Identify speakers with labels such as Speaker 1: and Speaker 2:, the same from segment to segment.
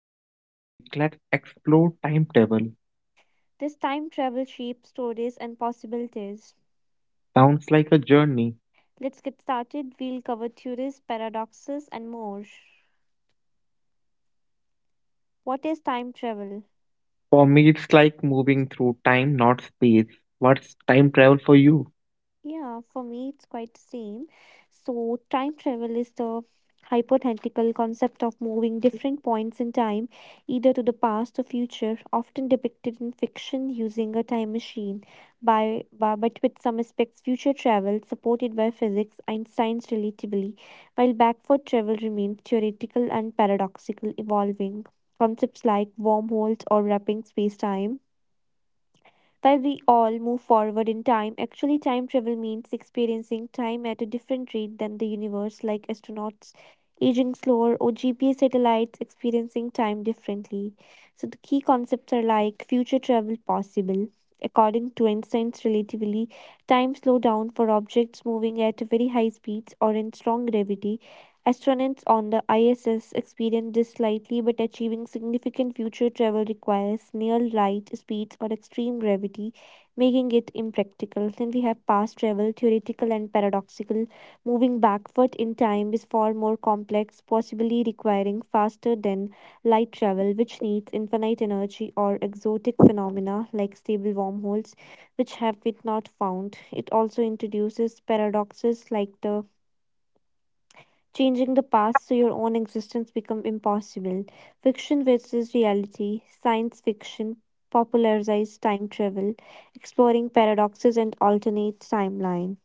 Speaker 1: And I'm Vivek. Let's explore timetable.
Speaker 2: This time travel shapes stories and possibilities.
Speaker 1: Sounds like a journey.
Speaker 2: Let's get started. We'll cover theories, paradoxes, and more. What is time travel?
Speaker 1: For me, it's like moving through time, not space. What's time travel for you?
Speaker 2: Yeah, for me it's quite the same. So time travel is the hypothetical concept of moving different points in time, either to the past or future, often depicted in fiction using a time machine. By but with some aspects, future travel supported by physics, Einstein's relativity, while backward travel remains theoretical and paradoxical, evolving. Concepts like wormholes or wrapping space-time, while we all move forward in time, actually, time travel means experiencing time at a different rate than the universe, like astronauts aging slower or GPS satellites experiencing time differently. So, the key concepts are like future travel possible. According to Einstein's relativity, time slow down for objects moving at very high speeds or in strong gravity. Astronauts on the ISS experience this slightly, but achieving significant future travel requires near light speeds or extreme gravity, making it impractical. Since we have past travel, theoretical and paradoxical, moving backward in time is far more complex, possibly requiring faster than light travel, which needs infinite energy or exotic phenomena like stable wormholes, which have been not found. It also introduces paradoxes like the changing the past so your own existence become impossible. Fiction versus reality, science fiction popularized time travel, exploring paradoxes and alternate timeline.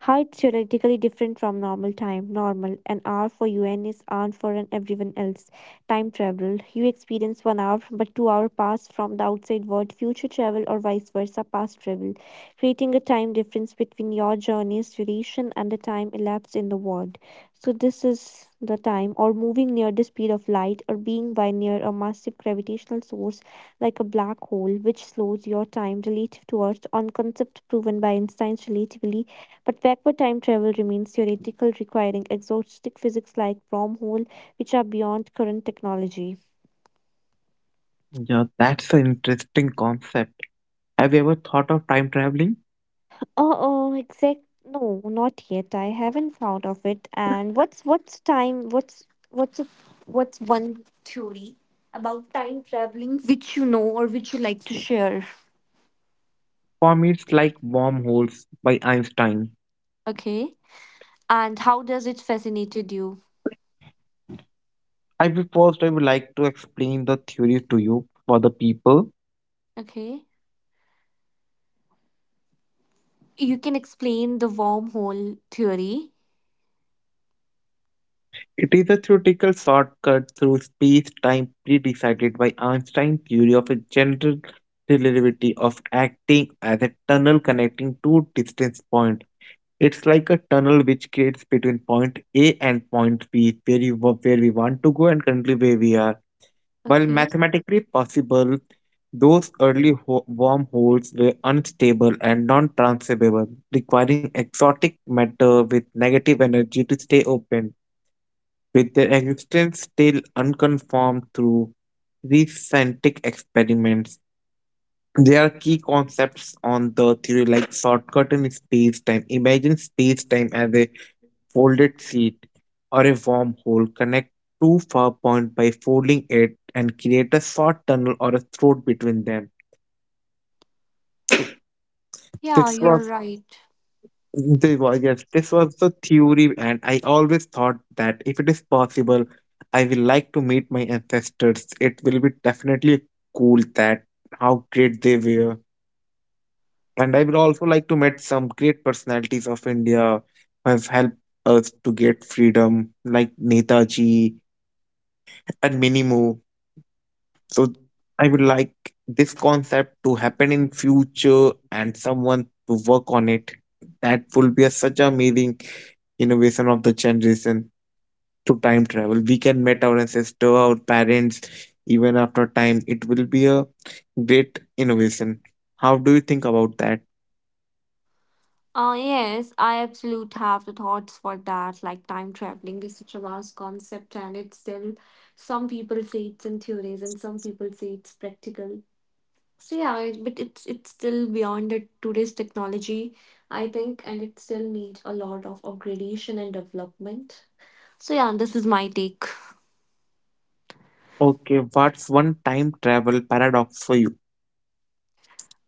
Speaker 2: How theoretically different from normal time. Normal, an hour for you and is hour for an everyone else. Time travel, you experience 1 hour, but 2 hours pass from the outside world. Future travel or vice versa, past travel, creating a time difference between your journey's duration and the time elapsed in the world. So this is the time or moving near the speed of light or being by near a massive gravitational source like a black hole which slows your time relative to Earth on concept proven by Einstein's relativity, but backward time travel remains theoretical, requiring exotic physics like wormhole which are beyond current technology.
Speaker 1: Yeah, that's an interesting concept. Have you ever thought of time traveling?
Speaker 2: Exact no, not yet. I haven't found of it. And what's time what's a, what's one theory about time traveling which you know or which you like to share?
Speaker 1: For me, it's like wormholes by Einstein.
Speaker 2: Okay. And how does it fascinated you?
Speaker 1: I will first I would like to explain the theory to you for the people.
Speaker 2: Okay. You can explain the wormhole theory.
Speaker 1: It is a theoretical shortcut through space-time pre-decided by Einstein's theory of a general relativity of acting as a tunnel connecting two distance points. It's like a tunnel which creates between point A and point B, where we want to go and currently where we are. While
Speaker 2: Okay.
Speaker 1: mathematically possible, those wormholes were unstable and non-transferable, requiring exotic matter with negative energy to stay open with their existence still unconfirmed through recent experiments. There are key concepts on the theory like shortcut in space-time. Imagine space-time as a folded sheet or a wormhole. Connect two far points by folding it and create a short tunnel or a throat between them.
Speaker 2: Yeah,
Speaker 1: This
Speaker 2: you're
Speaker 1: was
Speaker 2: right.
Speaker 1: this was the theory, and I always thought that if it is possible, I will like to meet my ancestors. It will be definitely cool that how great they were. And I will also like to meet some great personalities of India who have helped us to get freedom, like Netaji and many more. So I would like this concept to happen in future and someone to work on it. That will be such amazing innovation of the generation. To time travel we can meet our ancestor, our parents, even after time. It will be a great innovation. How do you think about that?
Speaker 2: Yes, I absolutely have the thoughts for that. Like time traveling is such a vast concept, and it's still some people say it's in theories, and some people say it's practical. So yeah, but it's still beyond the today's technology, I think, and it still needs a lot of upgradation and development. So yeah, this is my take.
Speaker 1: Okay, what's one time travel paradox for you?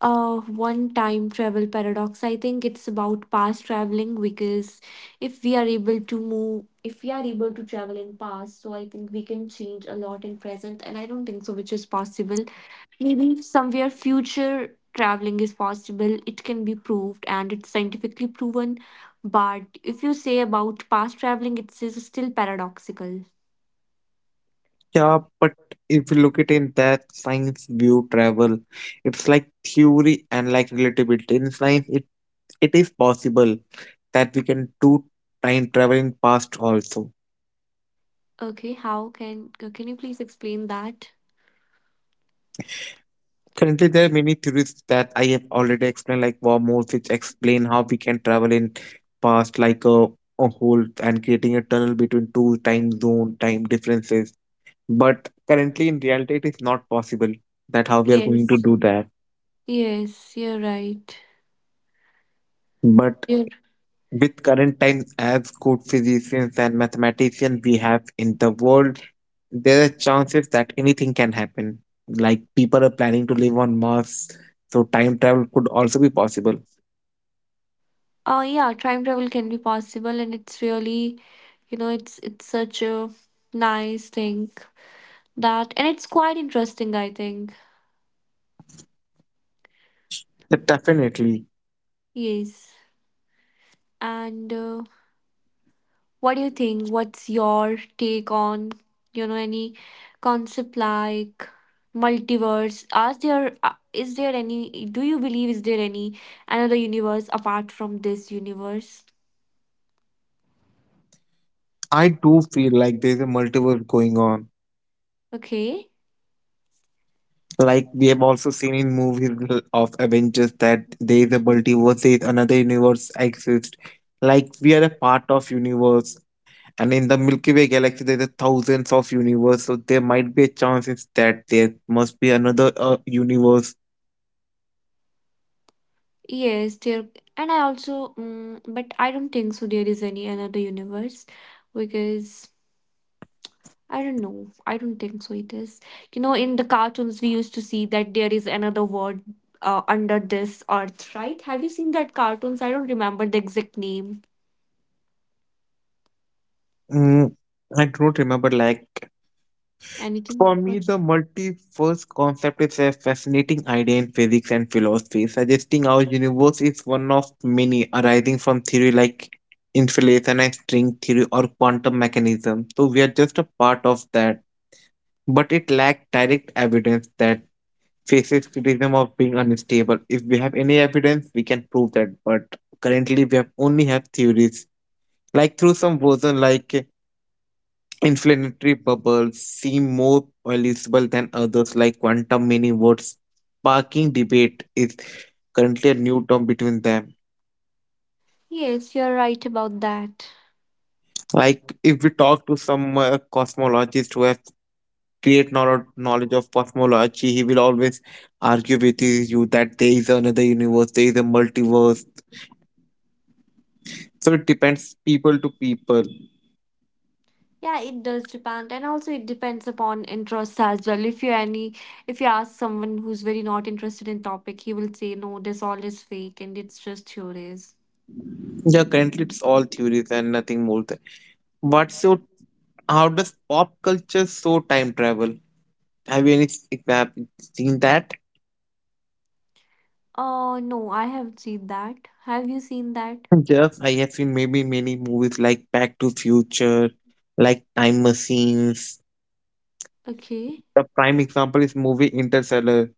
Speaker 2: uh One time travel paradox, I think it's about past traveling, because if we are able to move if we are able to travel in past, so I think we can change a lot in present and I don't think so which is possible. Maybe somewhere future traveling is possible, it can be proved and it's scientifically proven, but if you say about past traveling, it's is still paradoxical.
Speaker 1: Yeah, but if you look at in that science view travel, it's like theory and like relativity. In science, it is possible that we can do time travel in past also.
Speaker 2: Okay, how can you please explain that?
Speaker 1: Currently, there are many theories that I have already explained, like wormholes, which explain how we can travel in past, like a hole and creating a tunnel between two time zone time differences. But currently, in reality, it is not possible that how we are going to
Speaker 2: Yes,
Speaker 1: do that.
Speaker 2: yes, you're right.
Speaker 1: But
Speaker 2: You're.
Speaker 1: with current times as good physicians and mathematicians we have in the world, there are chances that anything can happen. Like people are planning to live on Mars, so time travel could also be possible.
Speaker 2: Yeah, time travel can be possible, and it's really, you know, it's such a nice thing that, and it's quite interesting, I think.
Speaker 1: But definitely,
Speaker 2: Yes. And what do you think? What's your take on, you know, any concept like multiverse? Are there, is there any, do you believe is there any another universe apart from this universe?
Speaker 1: I do feel like there's a multiverse going on.
Speaker 2: Okay.
Speaker 1: Like we have also seen in movies of Avengers that there is a multiverse, there is another universe exists. Like we are a part of universe. And in the Milky Way galaxy, there are thousands of universe, so there might be a chance is that there must be another universe.
Speaker 2: Yes, there, and I also, mm but I don't think so. There is any another universe because I don't know. I don't think so. It is, you know, in the cartoons we used to see that there is another world under this earth, right? Have you seen that cartoons? I don't remember the exact name.
Speaker 1: Mm, I don't remember. Like
Speaker 2: Anything?
Speaker 1: for me,
Speaker 2: What?
Speaker 1: the multiverse concept is a fascinating idea in physics and philosophy, suggesting our universe is one of many arising from theory like inflation and string theory or quantum mechanism. So we are just a part of that, but it lacks direct evidence that faces criticism of being unstable. If we have any evidence, we can prove that. But currently, we have only have theories, like through some version, like inflammatory bubbles seem more plausible than others, like quantum mini-words. Sparking debate is currently a new term between them.
Speaker 2: Yes, you're right about that.
Speaker 1: Like if we talk to some cosmologist who has great knowledge of cosmology, he will always argue with you that there is another universe, there is a multiverse. So it depends people to people.
Speaker 2: Yeah, it does depend, and also it depends upon interest as well. If you ask someone who's very not interested in topic, he will say no, this all is fake and it's just theories.
Speaker 1: Yeah, currently it's all theories and nothing more than. What's your How does pop culture show time travel? Have you have you seen that?
Speaker 2: Oh no, I haven't seen that. Have you seen that?
Speaker 1: Yes, I have seen maybe many movies like Back to Future, like Time Machines.
Speaker 2: Okay,
Speaker 1: The prime example is movie Interstellar.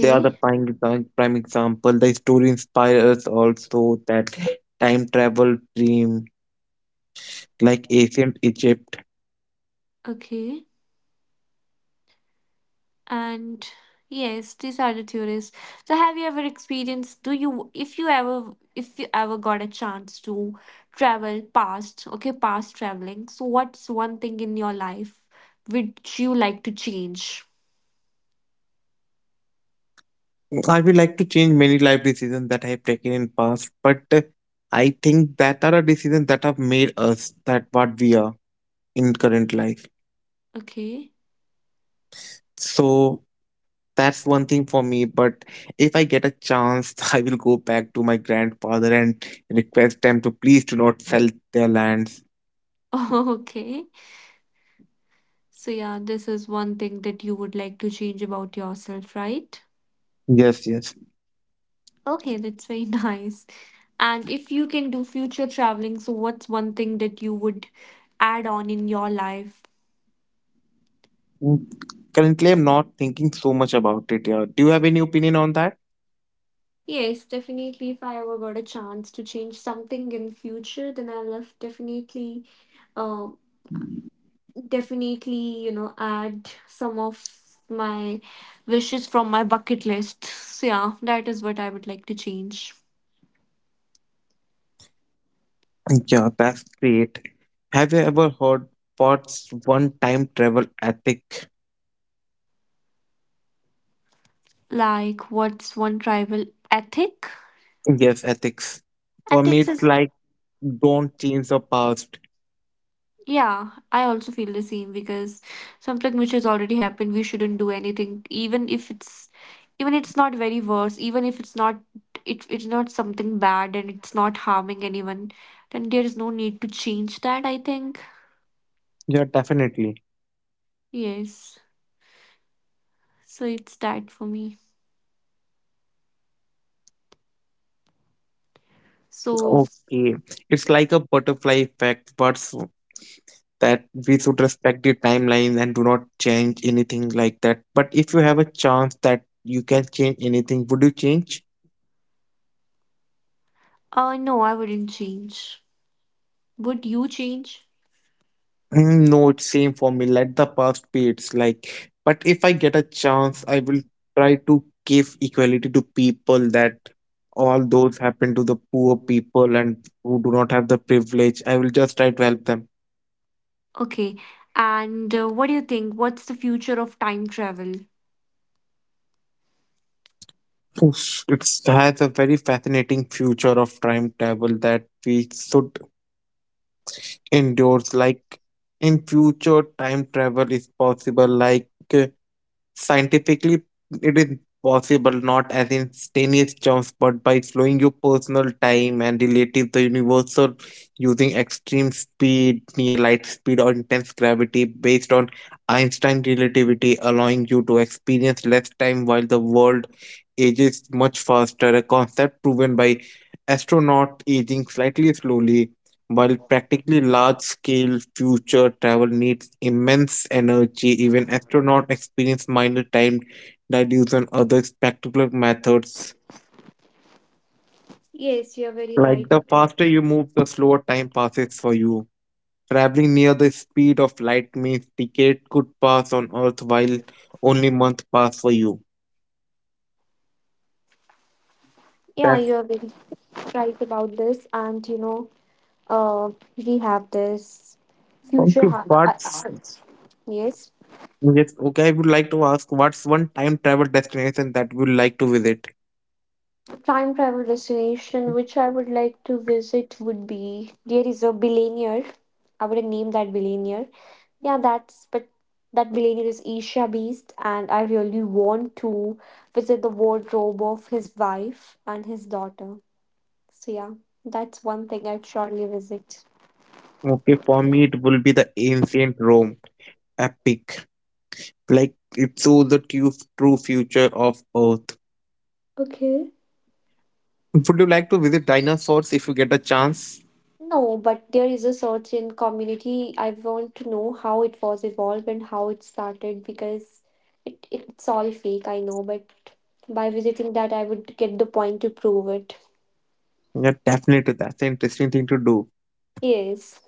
Speaker 1: They are the prime example. The story inspires us also that time travel dream, like ancient Egypt.
Speaker 2: okay. And yes, these are the theories. So have you ever experienced do you if you ever got a chance to travel past, okay, past traveling. So what's one thing in your life which you like to change?
Speaker 1: I would like to change many life decisions that I have taken in past, but I think that are a decision that have made us that what we are in current life.
Speaker 2: Okay.
Speaker 1: So that's one thing for me. But if I get a chance, I will go back to my grandfather and request them to please do not sell their lands.
Speaker 2: Okay. So yeah, this is one thing that you would like to change about yourself, right?
Speaker 1: Yes, yes.
Speaker 2: Okay, that's very nice. And if you can do future traveling, so what's one thing that you would add on in your life?
Speaker 1: Mm, currently, I'm not thinking so much about it. Yeah. Do you have any opinion on that?
Speaker 2: Yes, definitely. If I ever got a chance to change something in future, then I'll have definitely, um, definitely, you know, add some of my wishes from my bucket list. So yeah, that is what I would like to change.
Speaker 1: Yeah, that's great. Have you ever heard Pot's one time travel ethic?
Speaker 2: Like, what's one tribal ethic?
Speaker 1: Yes, ethics. For me,
Speaker 2: Ethics
Speaker 1: it's
Speaker 2: is.
Speaker 1: like don't change the past.
Speaker 2: Yeah, I also feel the same, because something which has already happened, we shouldn't do anything, even if it's even it's not very worse, even if it's not it's not something bad and it's not harming anyone, then there is no need to change that, I think.
Speaker 1: Yeah, definitely.
Speaker 2: Yes. So it's that for me. So
Speaker 1: Okay. It's like a butterfly effect, that we should respect the timeline and do not change anything like that. But if you have a chance that you can change anything, would you change?
Speaker 2: no, I wouldn't change. Would you change?
Speaker 1: Mm, no, it's same for me. Let the past be. It's like, but if I get a chance, I will try to give equality to people that all those happen to the poor people and who do not have the privilege. I will just try to help them.
Speaker 2: Okay. And what do you think? What's the future of time travel?
Speaker 1: Oof, it's has a very fascinating future of time travel that we should endorse. Like in future, time travel is possible. Like scientifically, it is possible not as instantaneous jumps, but by slowing your personal time and relative the universal using extreme speed, near light speed, or intense gravity based on Einstein relativity, allowing you to experience less time while the world ages much faster, a concept proven by astronaut aging slightly slowly while practically large scale future travel needs immense energy, even astronauts experience minor time delays and other spectacular methods.
Speaker 2: Yes, you are very
Speaker 1: Like
Speaker 2: right.
Speaker 1: the faster you move, the slower time passes for you. Traveling near the speed of light means decades could pass on Earth while only months pass for you.
Speaker 2: Yeah, you
Speaker 1: That's
Speaker 2: are very right about this, and you know, uh, we have this future
Speaker 1: okay.
Speaker 2: ha-
Speaker 1: What's
Speaker 2: I- yes.
Speaker 1: Yes? Okay, I would like to ask what's one time travel destination that you would like to visit?
Speaker 2: Time travel destination which I would like to visit would be, there is a billionaire. I would name that billionaire. Yeah, that's but that billionaire is Isha Beast, and I really want to visit the wardrobe of his wife and his daughter. So yeah, that's one thing I'd surely visit.
Speaker 1: Okay, for me it will be the ancient Rome. Epic. Like it shows the true future of Earth.
Speaker 2: Okay.
Speaker 1: Would you like to visit dinosaurs if you get a chance?
Speaker 2: No, but there is a search in community. I want to know how it was evolved and how it started, because it's all fake, I know, but by visiting that, I would get the point to prove it.
Speaker 1: Yeah, definitely. That's an interesting thing to do.
Speaker 2: Yes.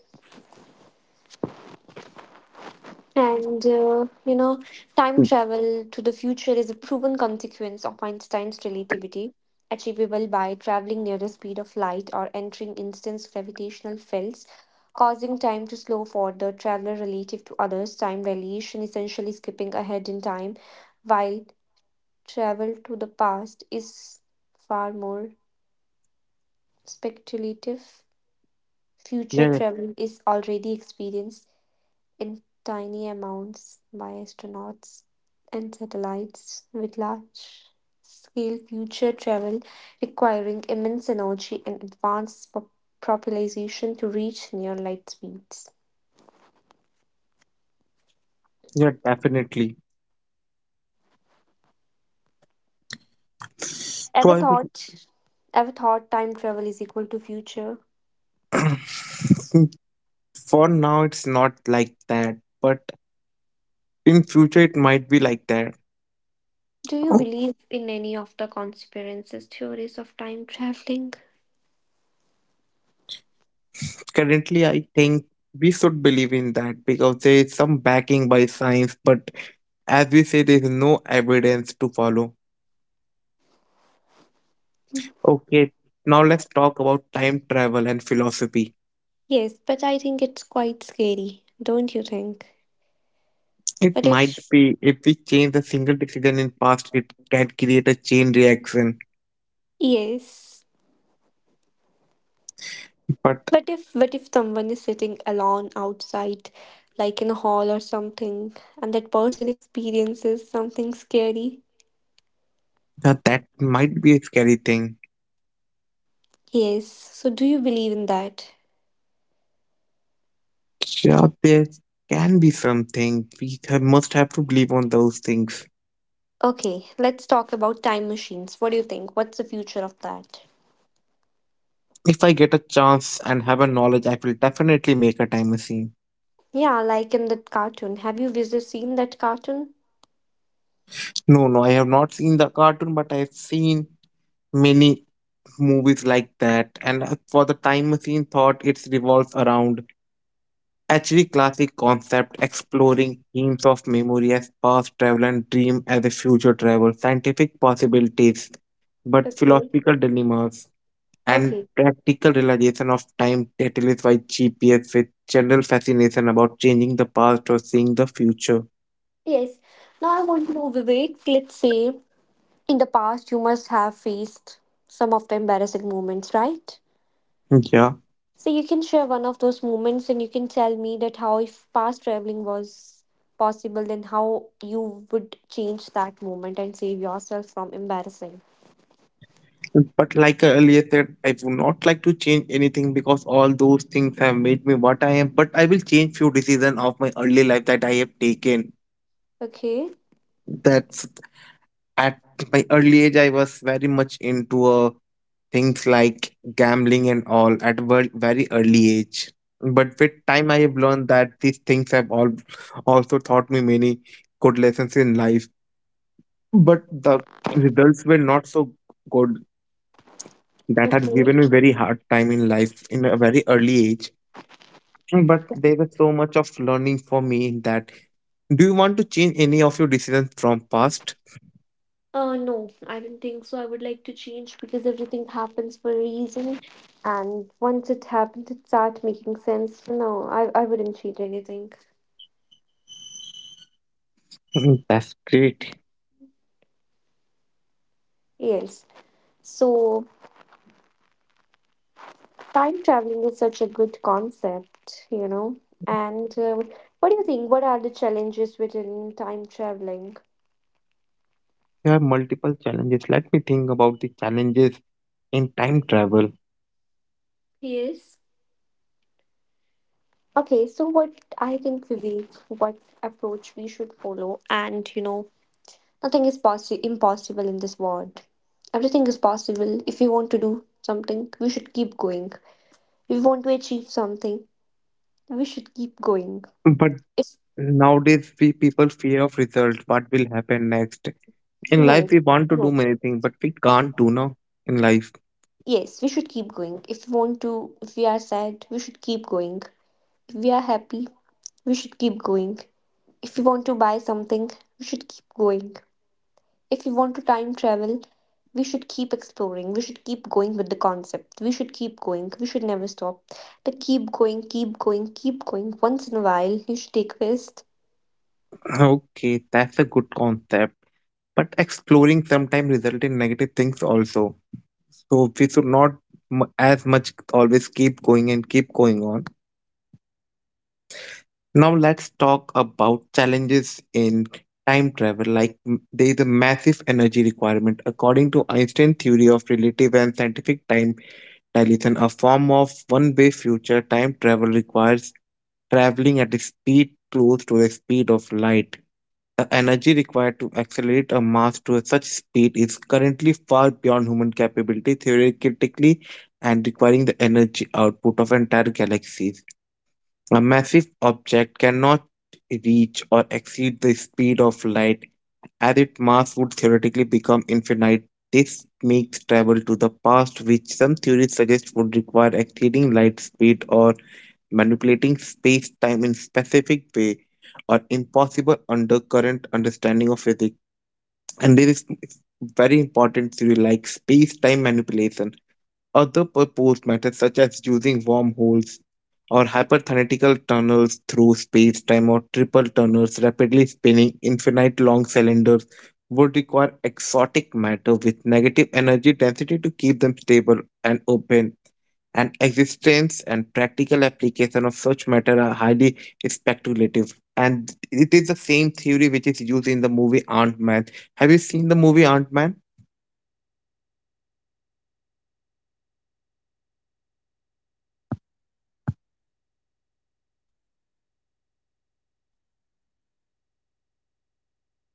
Speaker 2: And, you know, time
Speaker 1: Mm.
Speaker 2: travel to the future is a proven consequence of Einstein's relativity, achievable by traveling near the speed of light or entering instance gravitational fields, causing time to slow for the traveler relative to others. Time dilation, essentially skipping ahead in time, while travel to the past is far more speculative. Future
Speaker 1: Yeah, yeah,
Speaker 2: travel is already experienced in tiny amounts by astronauts and satellites, with large scale future travel requiring immense energy and advanced propulsion to reach near light speeds.
Speaker 1: yeah, definitely. So
Speaker 2: Ever
Speaker 1: I would,
Speaker 2: thought ever thought time travel is equal to future?
Speaker 1: for now it's not like that, but in future it might be like that.
Speaker 2: Do you
Speaker 1: Oh.
Speaker 2: believe in any of the conspiracy theories of time traveling?
Speaker 1: Currently, I think we should believe in that because there is some backing by science, but as we say, there is no evidence to follow. Okay, now let's talk about time travel and philosophy.
Speaker 2: Yes, but I think it's quite scary, don't you think?
Speaker 1: It
Speaker 2: But
Speaker 1: might
Speaker 2: if
Speaker 1: be if we change a single decision in past, it can create a chain reaction.
Speaker 2: yes.
Speaker 1: But
Speaker 2: But if someone is sitting alone outside, like in a hall or something, and that person experiences something scary?
Speaker 1: yeah, that might be a scary thing.
Speaker 2: Yes. So do you believe in that?
Speaker 1: Yeah, there can be something. We have, must have to believe on those things.
Speaker 2: Okay, let's talk about time machines. What do you think? What's the future of that?
Speaker 1: If I get a chance and have a knowledge, I will definitely make a time machine.
Speaker 2: Yeah, like in that cartoon. Have you Vijay seen that cartoon?
Speaker 1: No, no, I have not seen the cartoon, but I have seen many movies like that. And for the time machine thought, it revolves around actually classic concept exploring themes of memory as past travel and dream as a future travel, scientific possibilities, but
Speaker 2: Okay.
Speaker 1: philosophical dilemmas and
Speaker 2: Okay.
Speaker 1: practical realization of time catalyzed by GPS with general fascination about changing the past or seeing the future.
Speaker 2: Yes. Now I want to know, Vivek, let's say in the past you must have faced some of the embarrassing moments, right?
Speaker 1: Yeah,
Speaker 2: So you can share one of those moments and you can tell me that how, if past traveling was possible, then how you would change that moment and save yourself from embarrassing.
Speaker 1: but like I earlier said, I would not like to change anything because all those things have made me what I am. But I will change few decisions of my early life that I have taken.
Speaker 2: Okay.
Speaker 1: That's at my early age I was very much into things like gambling and all at very early age. But with time I have learned that these things have all also taught me many good lessons in life, but the results were not so good. That had
Speaker 2: Okay.
Speaker 1: given me very hard time in life in a very early age. But there was so much of learning for me in that. Do you want to change any of your decisions from past?
Speaker 2: No, I don't think so. I would like to change, because everything happens for a reason and once it happens it starts making sense. No, I wouldn't change anything.
Speaker 1: Mm, that's great.
Speaker 2: Yes. So time traveling is such a good concept, you know. And what do you think? What are the challenges within time traveling?
Speaker 1: There are multiple challenges. Let me think about the challenges in time travel.
Speaker 2: Yes. Okay, so what I think, Vivek, what approach we should follow, and you know, nothing is impossible in this world. Everything is possible. If we want to do something, we should keep going. If we want to achieve something, we should keep going.
Speaker 1: But
Speaker 2: If
Speaker 1: nowadays, we people fear of results. What will happen next? In
Speaker 2: no,
Speaker 1: life, we want to do
Speaker 2: no,
Speaker 1: many things, but we can't do now in life.
Speaker 2: yes, we should keep going. If we are sad, we should keep going. We are happy. We should keep going. If we want to buy something, we should keep going. If we want to time travel, we should keep exploring. We should keep going with the concept. We should keep going. We should never stop. The keep going, keep going, keep going. Once in a while, you should take rest.
Speaker 1: Okay, that's a good concept. But exploring sometimes result in negative things also. So we should not as much always keep going and keep going on. Now let's talk about challenges in time travel. Like there is a massive energy requirement. According to Einstein's theory of relative and scientific time dilation, a form of one-way future time travel requires traveling at a speed close to the speed of light. The energy required to accelerate a mass to such speed is currently far beyond human capability theoretically and requiring the energy output of entire galaxies. A massive object cannot reach or exceed the speed of light, as its mass would theoretically become infinite. This makes travel to the past, which some theories suggest would require exceeding light speed or manipulating space time in specific way, or impossible under current understanding of physics. And there is very important theory like space time manipulation, other proposed methods, such as using wormholes or hyperthetical tunnels through space time or triple tunnels, rapidly spinning infinite long cylinders, would require exotic matter with negative energy density to keep them stable and open. And existence and practical application of such matter are highly speculative. And it is the same theory which is used in the movie Ant Man. Have you seen the movie Ant Man?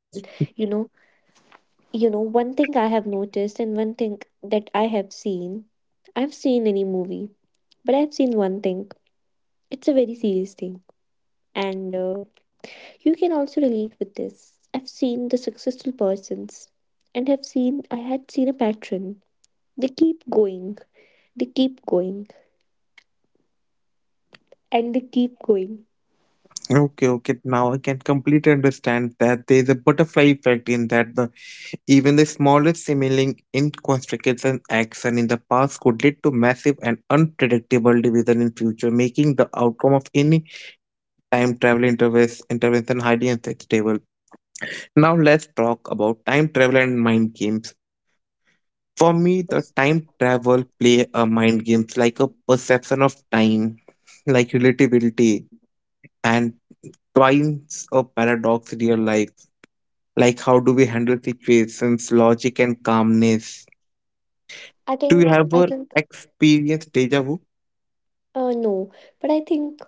Speaker 2: Well, you know, one thing I have noticed and one thing that I have seen. I've seen any movie, but I've seen one thing. It's a very serious thing and you can also relate with this. I've seen the successful persons and have seen I had seen a pattern. They keep going, they keep going, and they keep going.
Speaker 1: Okay, okay. Now I can completely understand that there is a butterfly effect in that the even the smallest seeming inconsequential action in the past could lead to massive and unpredictable division in future, making the outcome of any time travel intervention highly unstable. Now let's talk about time travel and mind games. For me, the
Speaker 2: Yes.
Speaker 1: time travel play a mind games like a perception of time, like relativity and twice a paradox in real life. Like, how do we handle situations, logic, and calmness?
Speaker 2: I
Speaker 1: Do you
Speaker 2: think I
Speaker 1: ever
Speaker 2: think
Speaker 1: experience deja vu?
Speaker 2: no, but I think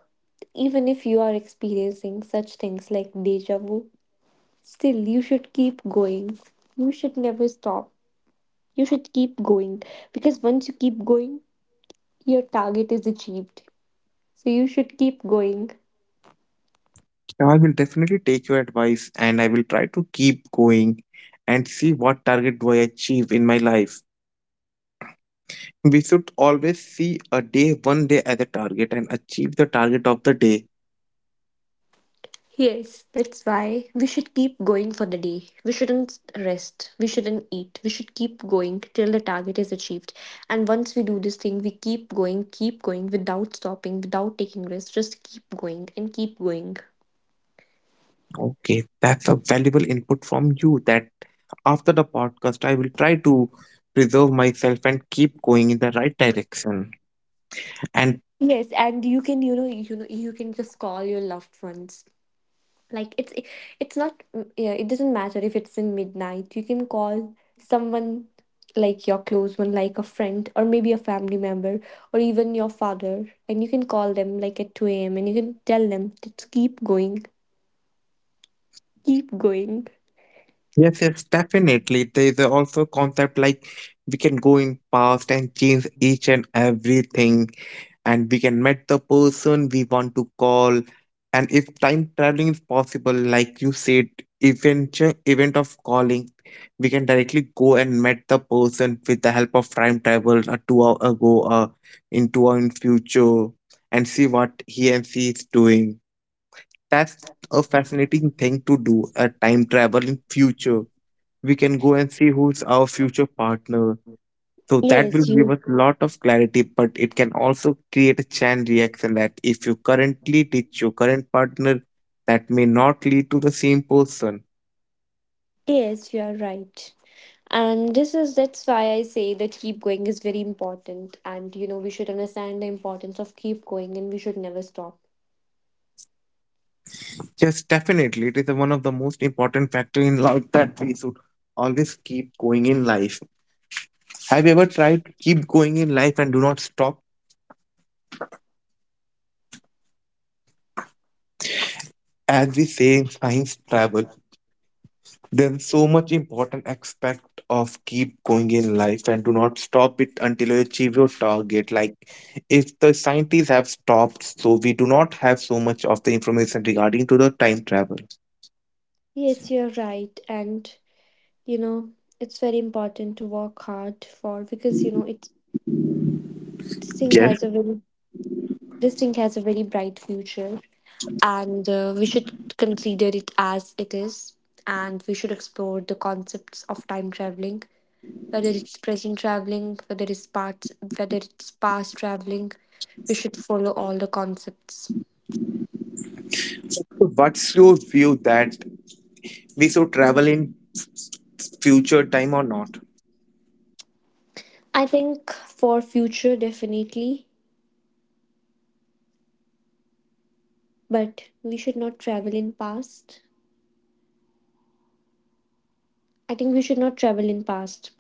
Speaker 2: even if you are experiencing such things like deja vu, still you should keep going. You should never stop. You should keep going because once you keep going, your target is achieved. So you should keep going.
Speaker 1: I will definitely take your advice and I will try to keep going and see what target do I achieve in my life. We should always see a day, one day as a target and achieve the target of the day.
Speaker 2: Yes, that's why we should keep going for the day. We shouldn't rest. We shouldn't eat. We should keep going till the target is achieved. And once we do this thing, we keep going without stopping, without taking rest. Just keep going and keep going.
Speaker 1: Okay, that's a valuable input from you that after the podcast, I will try to preserve myself and keep going in the right direction and
Speaker 2: Yes, and you can, you can just call your loved ones, like it's not. Yeah, it doesn't matter. If it's in midnight, you can call someone, like your close one, like a friend or maybe a family member, or even your father, and you can call them like at 2 a.m. and you can tell them, just keep going, keep going.
Speaker 1: yes, yes, definitely. There is also concept like we can go in past and change each and everything, and we can meet the person we want to call. And if time traveling is possible, like you said, event event of calling, we can directly go and meet the person with the help of time travel a 2 hour ago, in 2 hour in future, and see what he and she is doing. That's a fascinating thing to do, a time travel in future we can go and see who's our future partner. So that will
Speaker 2: yes
Speaker 1: give
Speaker 2: you
Speaker 1: us a lot of clarity, but it can also create a chain reaction that if you currently ditch your current partner, that may not lead to the same person.
Speaker 2: yes you are right, and this is that's why I say that keep going is very important, and we should understand the importance of keep going, and we should never stop.
Speaker 1: Yes, definitely. It is one of the most important factor in life that we should always keep going in life. Have you ever tried to keep going in life and do not stop? As we say in science travel, there's so much important aspect of keep going in life and do not stop it until you achieve your target. Like if the scientists have stopped, so we do not have so much of the information regarding to the time travel.
Speaker 2: Yes, you're right, and you know it's very important to work hard for, because it this thing
Speaker 1: Yes.
Speaker 2: has a very this thing has a very bright future, and we should consider it as it is, and we should explore the concepts of time traveling, whether it's present traveling, whether it's past, whether it's past traveling. We should follow all the concepts.
Speaker 1: So what's your view that we should travel in future time or not?
Speaker 2: I think for future, definitely, but we should not travel in past. I think we should not travel in past.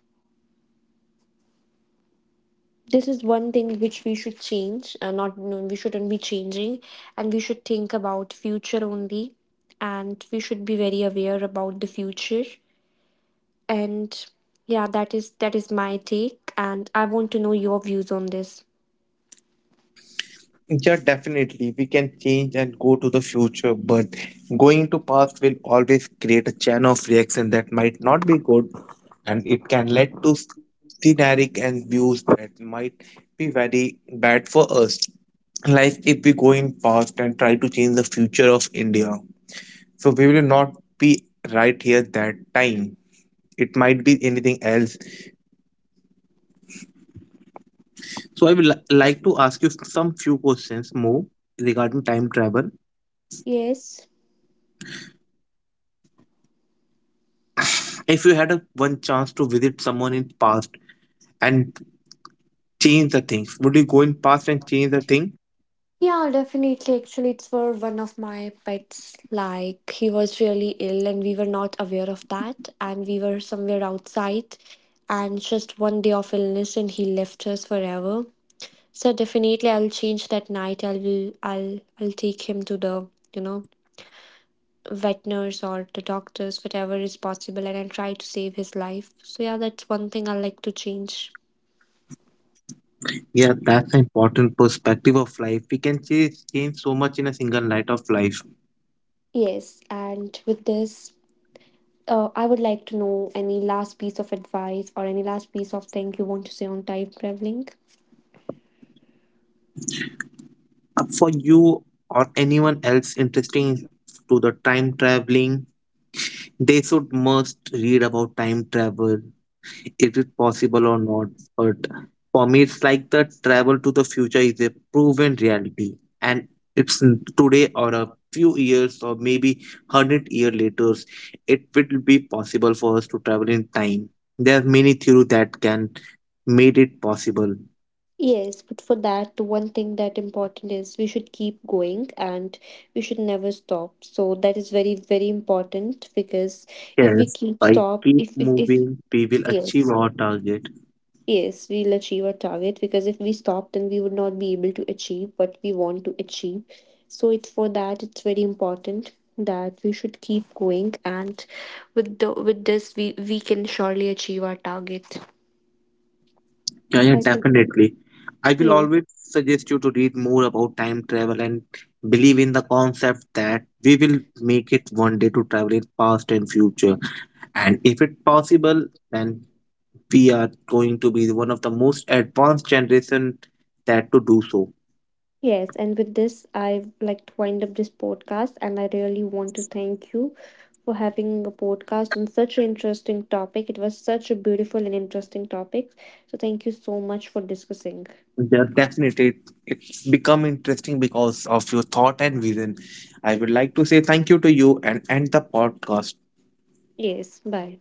Speaker 2: This is one thing which we should change. Not, no, we shouldn't be changing, and we should think about future only, and we should be very aware about the future. And yeah, that is my take, and I want to know your views on this.
Speaker 1: Yeah, definitely. We can change and go to the future, but going to past will always create a chain of reaction that might not be good, and it can lead to generic and views that might be very bad for us. Like if we go in past and try to change the future of India, so we will not be right here that time. It might be anything else. So I would like to ask you some few questions more regarding time travel.
Speaker 2: Yes.
Speaker 1: If you had a, one chance to visit someone in past and change the things, would you go in past and change the thing?
Speaker 2: Yeah, definitely. Actually, it's for one of my pets. Like, he was really ill, and we were not aware of that. And we were somewhere outside, and just one day of illness, and he left us forever. So definitely I'll change that night. I'll take him to the, you know, vet nurse or the doctors, whatever is possible, and I'll try to save his life. So yeah, that's one thing I like to change.
Speaker 1: Yeah, that's an important perspective of life. We can change, change so much in a single night of life.
Speaker 2: Yes, and with this, I would like to know any last piece of advice or any last piece of thing you want to say on time traveling.
Speaker 1: For you or anyone else interesting to the time traveling, they should must read about time travel, is it possible or not, but for me it's like the travel to the future is a proven reality and today or a few years or maybe 100 year later it will be possible for us to travel in time. There are many theories that can made it possible.
Speaker 2: Yes, but for that, the one thing that important is we should keep going, and we should never stop. So that is very, very important, because if we
Speaker 1: Yes,
Speaker 2: keep
Speaker 1: by
Speaker 2: stop,
Speaker 1: keep
Speaker 2: if
Speaker 1: moving we will achieve
Speaker 2: yes,
Speaker 1: our target.
Speaker 2: yes, we'll achieve our target, because if we stop, then we would not be able to achieve what we want to achieve. So it's for that it's very important that we should keep going, and with this we can surely achieve our target.
Speaker 1: Yeah, yeah,
Speaker 2: I think.
Speaker 1: definitely. I will
Speaker 2: Yes.
Speaker 1: always suggest you to read more about time travel and believe in the concept that we will make it one day to travel in past and future. And if it's possible, then we are going to be one of the most advanced generation that to do so.
Speaker 2: Yes, and with this, I like to wind up this podcast, and I really want to thank you for having a podcast on such an interesting topic. It was such a beautiful and interesting topic. So thank you so much for discussing.
Speaker 1: Yeah, definitely. It's become interesting because of your thought and vision. I would like to say thank you to you and end the podcast.
Speaker 2: Yes, bye.